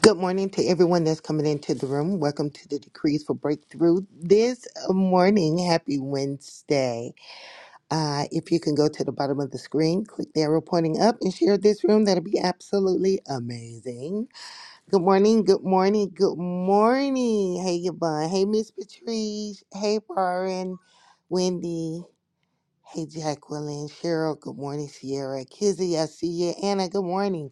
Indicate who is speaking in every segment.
Speaker 1: Good morning to everyone that's coming into the room. Welcome to the Decrees for Breakthrough this uh, morning. Happy Wednesday. Uh, if you can go to the bottom of the screen, click the arrow pointing up and share this room. That'll be absolutely amazing. Good morning. Good morning. Good morning. Hey, Yvonne. Hey, Miss Patrice. Hey, Warren. Wendy. Hey, Jacqueline. Cheryl. Good morning, Sierra. Kizzy, I see you. Anna, good morning.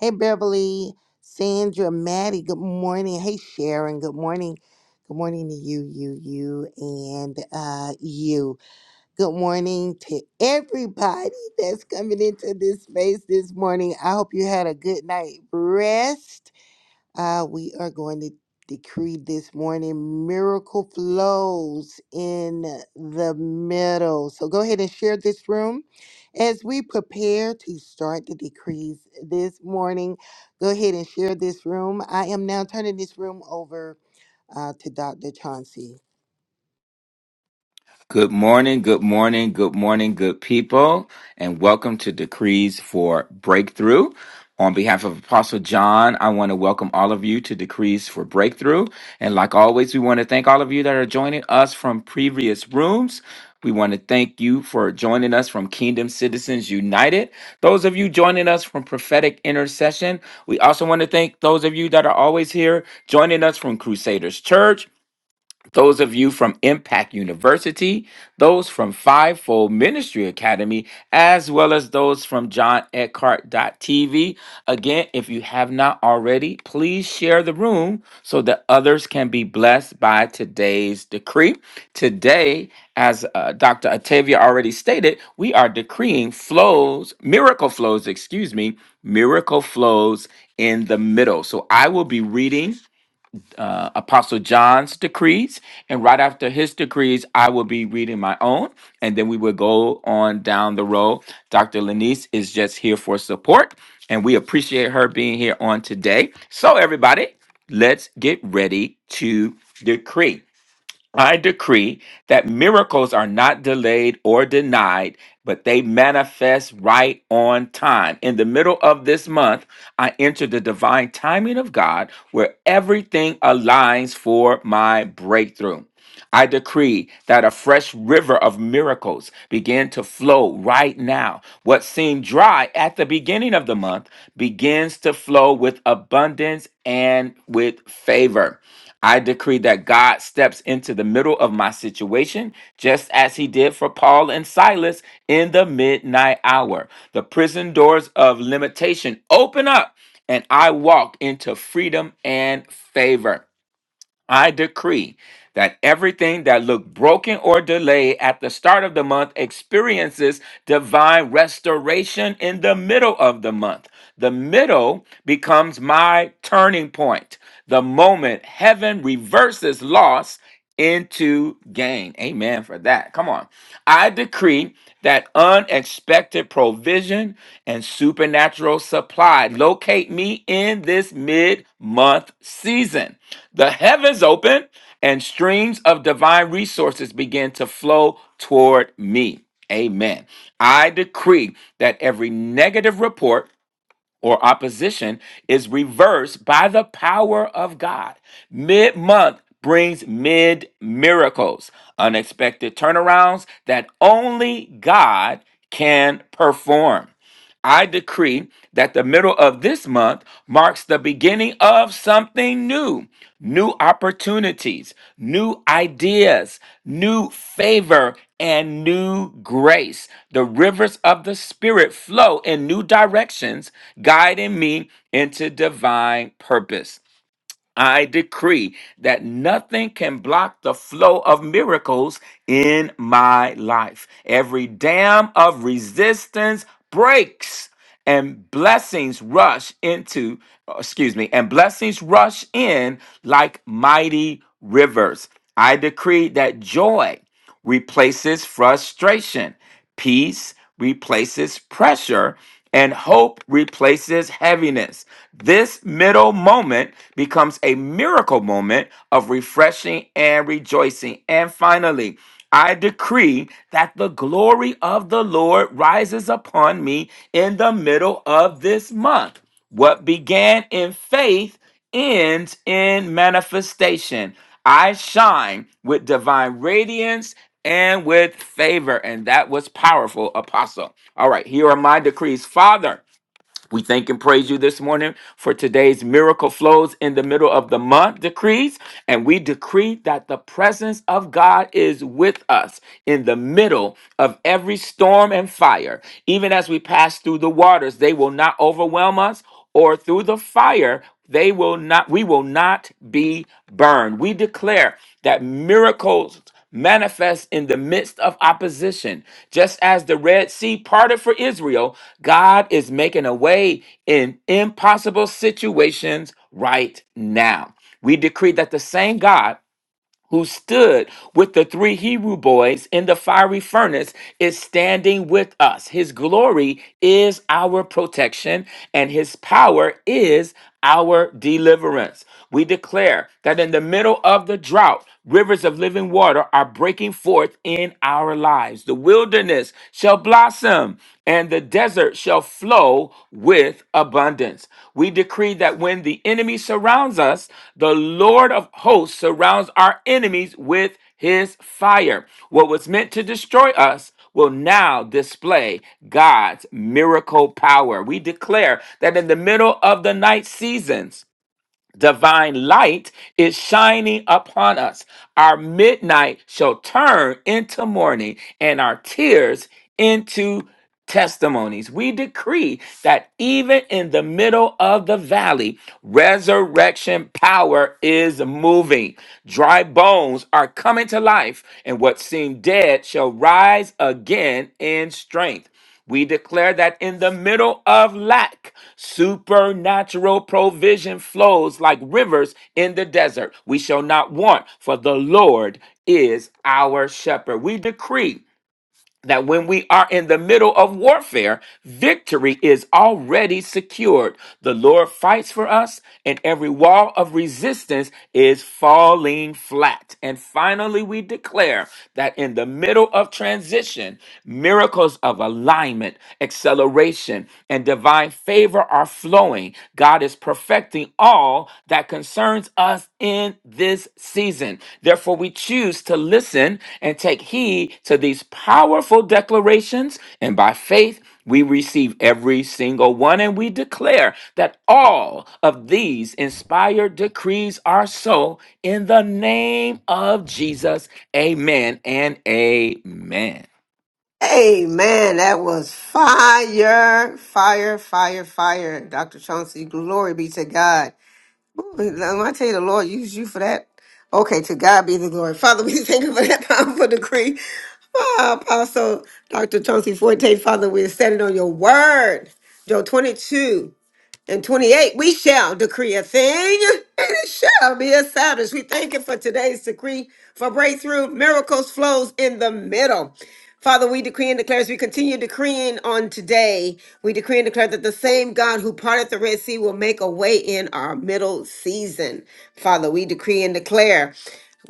Speaker 1: Hey, Beverly, Sandra, Maddie, good morning. Hey, Sharon, good morning. Good morning to you, you, you, and uh, you. Good morning to everybody that's coming into this space this morning. I hope you had a good night rest. Ah, we are going to decree this morning miracle flows in the middle. So go ahead and share this room as we prepare to start the decrees this morning. Go ahead and share this room. I am now turning this room over uh, to Dr. Chauncey.
Speaker 2: Good morning, good morning, good morning, good people, and welcome to Decrees for Breakthrough. On behalf of Apostle John, I want to welcome all of you to Decrees for Breakthrough. And like always, we want to thank all of you that are joining us from previous rooms. We want to thank you for joining us from Kingdom Citizens United. Those of you joining us from Prophetic Intercession, we also want to thank those of you that are always here joining us from Crusaders Church those of you from Impact University, those from Fivefold Ministry Academy, as well as those from John TV. Again, if you have not already, please share the room so that others can be blessed by today's decree. Today, as uh, Dr. Octavia already stated, we are decreeing flows, miracle flows, excuse me, miracle flows in the middle. So I will be reading uh, Apostle John's decrees. And right after his decrees, I will be reading my own. And then we will go on down the road. Dr. Lanice is just here for support. And we appreciate her being here on today. So, everybody, let's get ready to decree. I decree that miracles are not delayed or denied, but they manifest right on time. In the middle of this month, I enter the divine timing of God where everything aligns for my breakthrough. I decree that a fresh river of miracles begin to flow right now. What seemed dry at the beginning of the month begins to flow with abundance and with favor. I decree that God steps into the middle of my situation, just as he did for Paul and Silas in the midnight hour. The prison doors of limitation open up, and I walk into freedom and favor. I decree that everything that looked broken or delayed at the start of the month experiences divine restoration in the middle of the month. The middle becomes my turning point, the moment heaven reverses loss into gain. Amen for that. Come on. I decree that unexpected provision and supernatural supply locate me in this mid month season. The heavens open and streams of divine resources begin to flow toward me. Amen. I decree that every negative report or opposition is reversed by the power of God. Mid month brings mid miracles, unexpected turnarounds that only God can perform. I decree that the middle of this month marks the beginning of something new new opportunities, new ideas, new favor, and new grace. The rivers of the Spirit flow in new directions, guiding me into divine purpose. I decree that nothing can block the flow of miracles in my life. Every dam of resistance breaks and blessings rush into, uh, excuse me, and blessings rush in like mighty rivers. I decree that joy replaces frustration. Peace replaces pressure. And hope replaces heaviness. This middle moment becomes a miracle moment of refreshing and rejoicing. And finally, I decree that the glory of the Lord rises upon me in the middle of this month. What began in faith ends in manifestation. I shine with divine radiance and with favor. And that was powerful, Apostle. All right, here are my decrees. Father, we thank and praise you this morning for today's miracle flows in the middle of the month decrees. And we decree that the presence of God is with us in the middle of every storm and fire. Even as we pass through the waters, they will not overwhelm us, or through the fire, they will not, we will not be burned. We declare that miracles manifest in the midst of opposition. Just as the Red Sea parted for Israel, God is making a way in impossible situations right now. We decree that the same God who stood with the three Hebrew boys in the fiery furnace is standing with us. His glory is our protection, and his power is our deliverance. We declare that in the middle of the drought, rivers of living water are breaking forth in our lives. The wilderness shall blossom him, and the desert shall flow with abundance. We decree that when the enemy surrounds us, the Lord of hosts surrounds our enemies with his fire. What was meant to destroy us will now display God's miracle power. We declare that in the middle of the night seasons, divine light is shining upon us. Our midnight shall turn into morning and our tears into testimonies. We decree that even in the middle of the valley, resurrection power is moving. Dry bones are coming to life, and what seemed dead shall rise again in strength. We declare that in the middle of lack, supernatural provision flows like rivers in the desert. We shall not want, for the Lord is our shepherd. We decree that when we are in the middle of warfare, victory is already secured. The Lord fights for us, and every wall of resistance is falling flat. And finally, we declare that in the middle of transition, miracles of alignment, acceleration, and divine favor are flowing. God is perfecting all that concerns us in this season. Therefore, we choose to listen and take heed to these powerful declarations. And by faith, we receive every single one, and we declare that all of these inspired decrees are so in the name of Jesus. Amen and amen.
Speaker 3: Hey man, that was fire, fire, fire, fire. Dr. Chauncey, glory be to God. Ooh, When I tell you the Lord used you for that. Okay, to God be the glory. Father, we thank you for that powerful decree. Ah, Apostle Dr. Chauncey Forte, Father, we stand on your word. Joel 22. And 28, we shall decree a thing, and it shall be established. We thank you for today's decree for breakthrough. Miracles flows in the middle. Father, we decree and declare as we continue decreeing on today, we decree and declare that the same God who parted the Red Sea will make a way in our middle season. Father, we decree and declare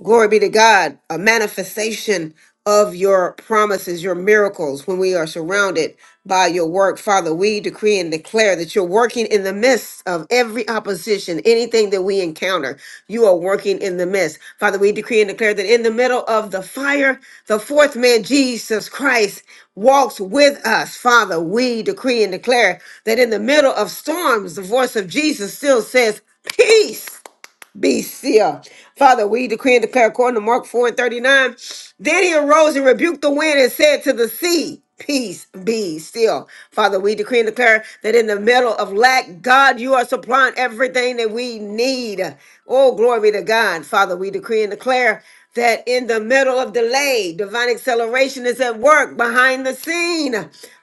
Speaker 3: glory be to God, a manifestation of your promises, your miracles when we are surrounded by your work. Father, we decree and declare that you're working in the midst of every opposition, anything that we encounter, you are working in the midst. Father, we decree and declare that in the middle of the fire, the fourth man, Jesus Christ, walks with us. Father, we decree and declare that in the middle of storms, the voice of Jesus still says, Peace be still. Father, we decree and declare according to Mark 4 and 39. Then he arose and rebuked the wind and said to the sea, Peace be still. Father, we decree and declare that in the middle of lack, God, you are supplying everything that we need. Oh, glory to God. Father, we decree and declare that in the middle of delay, divine acceleration is at work behind the scene.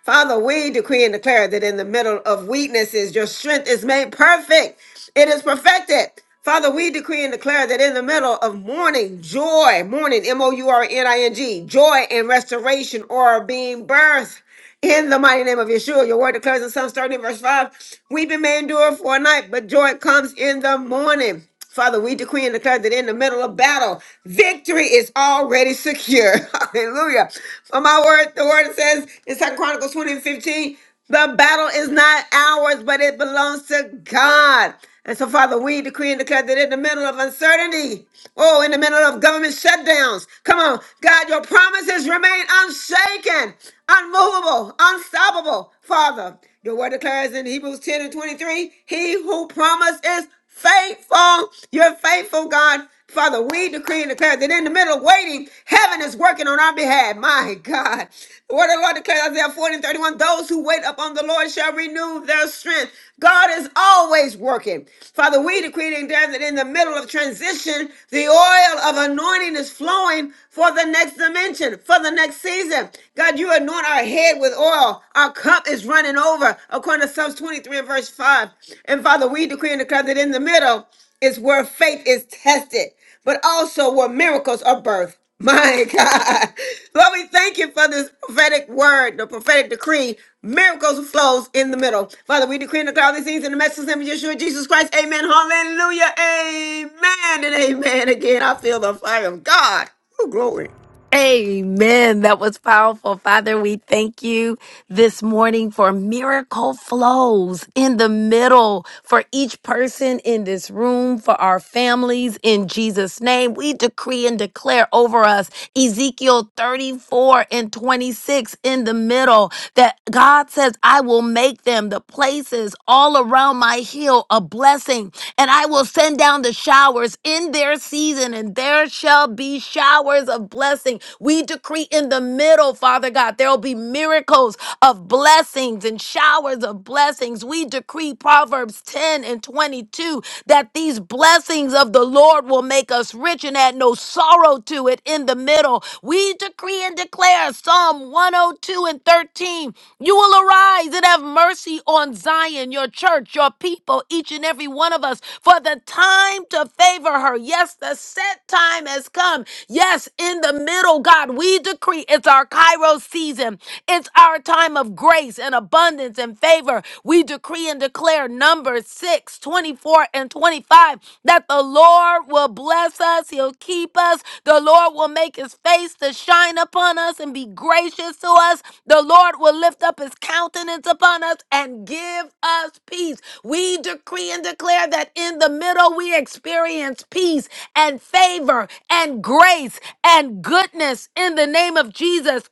Speaker 3: Father, we decree and declare that in the middle of weaknesses, your strength is made perfect. It is perfected. Father, we decree and declare that in the middle of mourning, joy, mourning, M O U R N I N G, joy and restoration are being birthed in the mighty name of Yeshua. Your word declares in Psalms 30, verse 5, weeping may endure for a night, but joy comes in the morning. Father, we decree and declare that in the middle of battle, victory is already secure. Hallelujah. For my word, the word says in 2 Chronicles 20 and 15, the battle is not ours, but it belongs to God. And so, Father, we decree and declare that in the middle of uncertainty, oh, in the middle of government shutdowns, come on, God, your promises remain unshaken, unmovable, unstoppable, Father. Your word declares in Hebrews 10 and 23, he who promised is faithful. You're faithful, God. Father, we decree and declare that in the middle of waiting, heaven is working on our behalf. My God. The word of the Lord declares Isaiah 40 and 31 those who wait upon the Lord shall renew their strength. God is always working. Father, we decree and declare that in the middle of transition, the oil of anointing is flowing for the next dimension, for the next season. God, you anoint our head with oil, our cup is running over according to Psalms 23 and verse 5. And Father, we decree and declare that in the middle is where faith is tested, but also where miracles are birthed. My God. Lord, we thank you for this prophetic word, the prophetic decree. Miracles flows in the middle. Father, we decree and declare these things in the message of Yeshua Jesus Christ. Amen. Hallelujah. Amen. And amen again. I feel the fire of God. Oh, glory.
Speaker 4: Amen. That was powerful. Father, we thank you this morning for miracle flows in the middle for each person in this room, for our families in Jesus' name. We decree and declare over us Ezekiel 34 and 26 in the middle that God says, I will make them the places all around my hill a blessing, and I will send down the showers in their season, and there shall be showers of blessing. We decree in the middle, Father God, there will be miracles miracles of blessings and showers of blessings. We decree Proverbs 10 and 22 that these blessings of the Lord will make us rich and add no sorrow to it in the middle. We decree and declare Psalm 102 and 13 you will arise and have mercy on Zion, your church, your people, each and every one of us, for the time to favor her. Yes, the set time has come. Yes, in the middle, God, we decree it's our Kairos season season. It's our time of grace and abundance and favor. We decree and declare Numbers 6, 24, and 25 that the Lord will bless us. He'll keep us. The Lord will make his face to shine upon us and be gracious to us. The Lord will lift up his countenance upon us and give us peace. We decree and declare that in the middle we experience peace and favor and grace and goodness in the name of Jesus.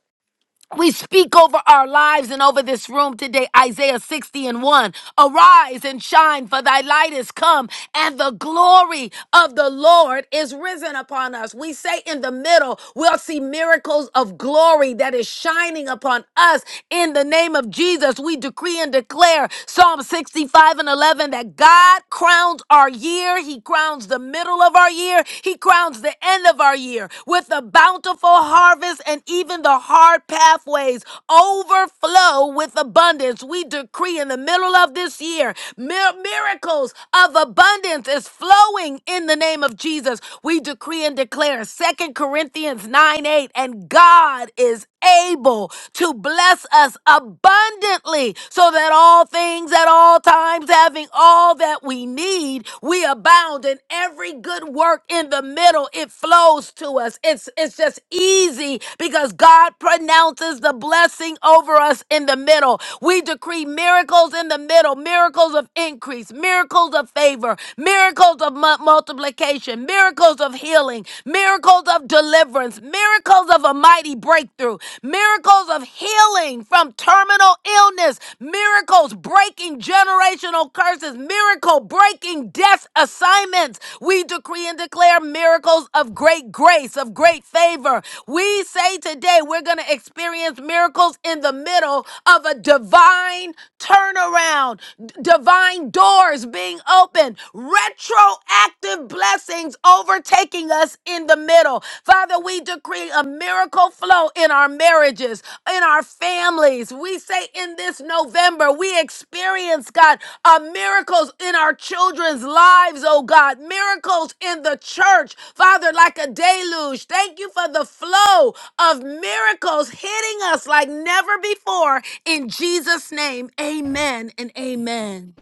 Speaker 4: We speak over our lives and over this room today, Isaiah 60 and 1. Arise and shine, for thy light is come, and the glory of the Lord is risen upon us. We say in the middle, we'll see miracles of glory that is shining upon us in the name of Jesus. We decree and declare Psalm 65 and 11 that God crowns our year, He crowns the middle of our year, He crowns the end of our year with the bountiful bountiful harvest and even the hard pathways overflow with abundance. We decree in the middle of this year, mir- miracles of abundance is flowing in the name of Jesus. We decree and declare Second Corinthians 9 8, and God is able to bless us abundantly so that all things at all times having all that we need we abound in every good work in the the middle. It flows to us. It's it's just easy because God pronounces the blessing over us in the middle. We decree miracles in the middle, miracles of increase, miracles of favor, miracles of mu- multiplication, miracles of healing, miracles of deliverance, miracles of a mighty breakthrough, miracles of healing from terminal illness, miracles breaking generational curses, miracle breaking yes assignments. We decree and declare miracles of great grace, of great favor. We say today we're going to experience miracles in the middle of a divine turnaround, d- divine doors being opened, retroactive blessings overtaking us in the middle. Father, we decree a miracle flow in our marriages, in our families. We say in this November, we experience, God, uh, miracles in our children's lives, oh God, miracles in the church, Father, like a deluge. Thank you for the flow of miracles hitting us like never before. In Jesus' name, amen and amen.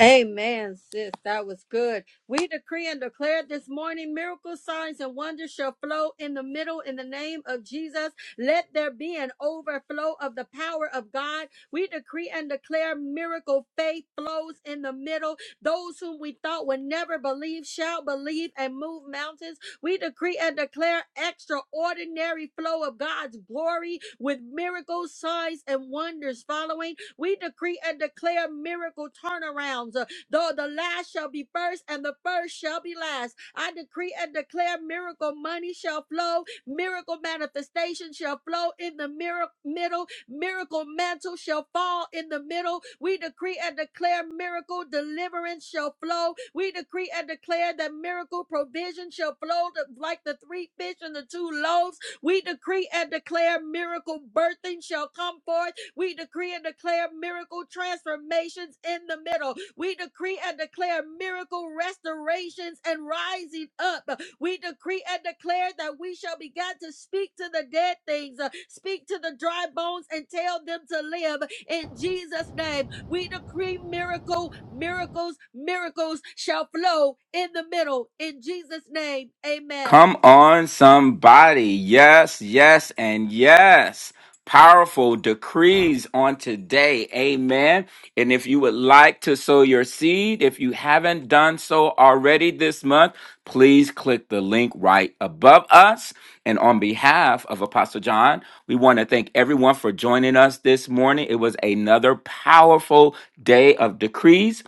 Speaker 5: Amen, sis. That was good. We decree and declare this morning miracles, signs, and wonders shall flow in the middle in the name of Jesus. Let there be an overflow of the power of God. We decree and declare miracle faith flows in the middle. Those whom we thought would never believe shall believe and move mountains. We decree and declare extraordinary flow of God's glory with miracles, signs, and wonders following. We decree and declare miracle turnarounds. Uh, Though the last shall be first and the first shall be last. I decree and declare miracle money shall flow, miracle manifestation shall flow in the miracle middle, miracle mantle shall fall in the middle. We decree and declare miracle deliverance shall flow. We decree and declare that miracle provision shall flow to- like the three fish and the two loaves. We decree and declare miracle birthing shall come forth we decree and declare miracle transformations in the middle. We decree and declare miracle restorations and rising up. We decree and declare that we shall begin to speak to the dead things, uh, speak to the dry bones, and tell them to live in Jesus' name. We decree miracle, miracles, miracles shall flow in the middle in Jesus' name. Amen.
Speaker 2: Come on, somebody. Yes, yes, and yes. Powerful decrees on today. Amen. And if you would like to sow your seed, if you haven't done so already this month, please click the link right above us. And on behalf of Apostle John, we want to thank everyone for joining us this morning. It was another powerful day of decrees.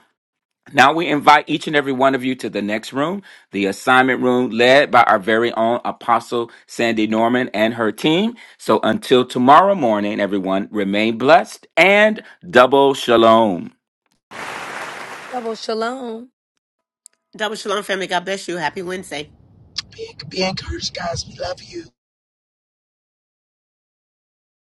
Speaker 2: Now we invite each and every one of you to the next room, the assignment room led by our very own Apostle Sandy Norman and her team. So until tomorrow morning, everyone, remain blessed and double shalom.
Speaker 4: Double shalom.
Speaker 3: Double Shalom family. God bless you. Happy Wednesday.
Speaker 6: Be, be encouraged, guys. We love you.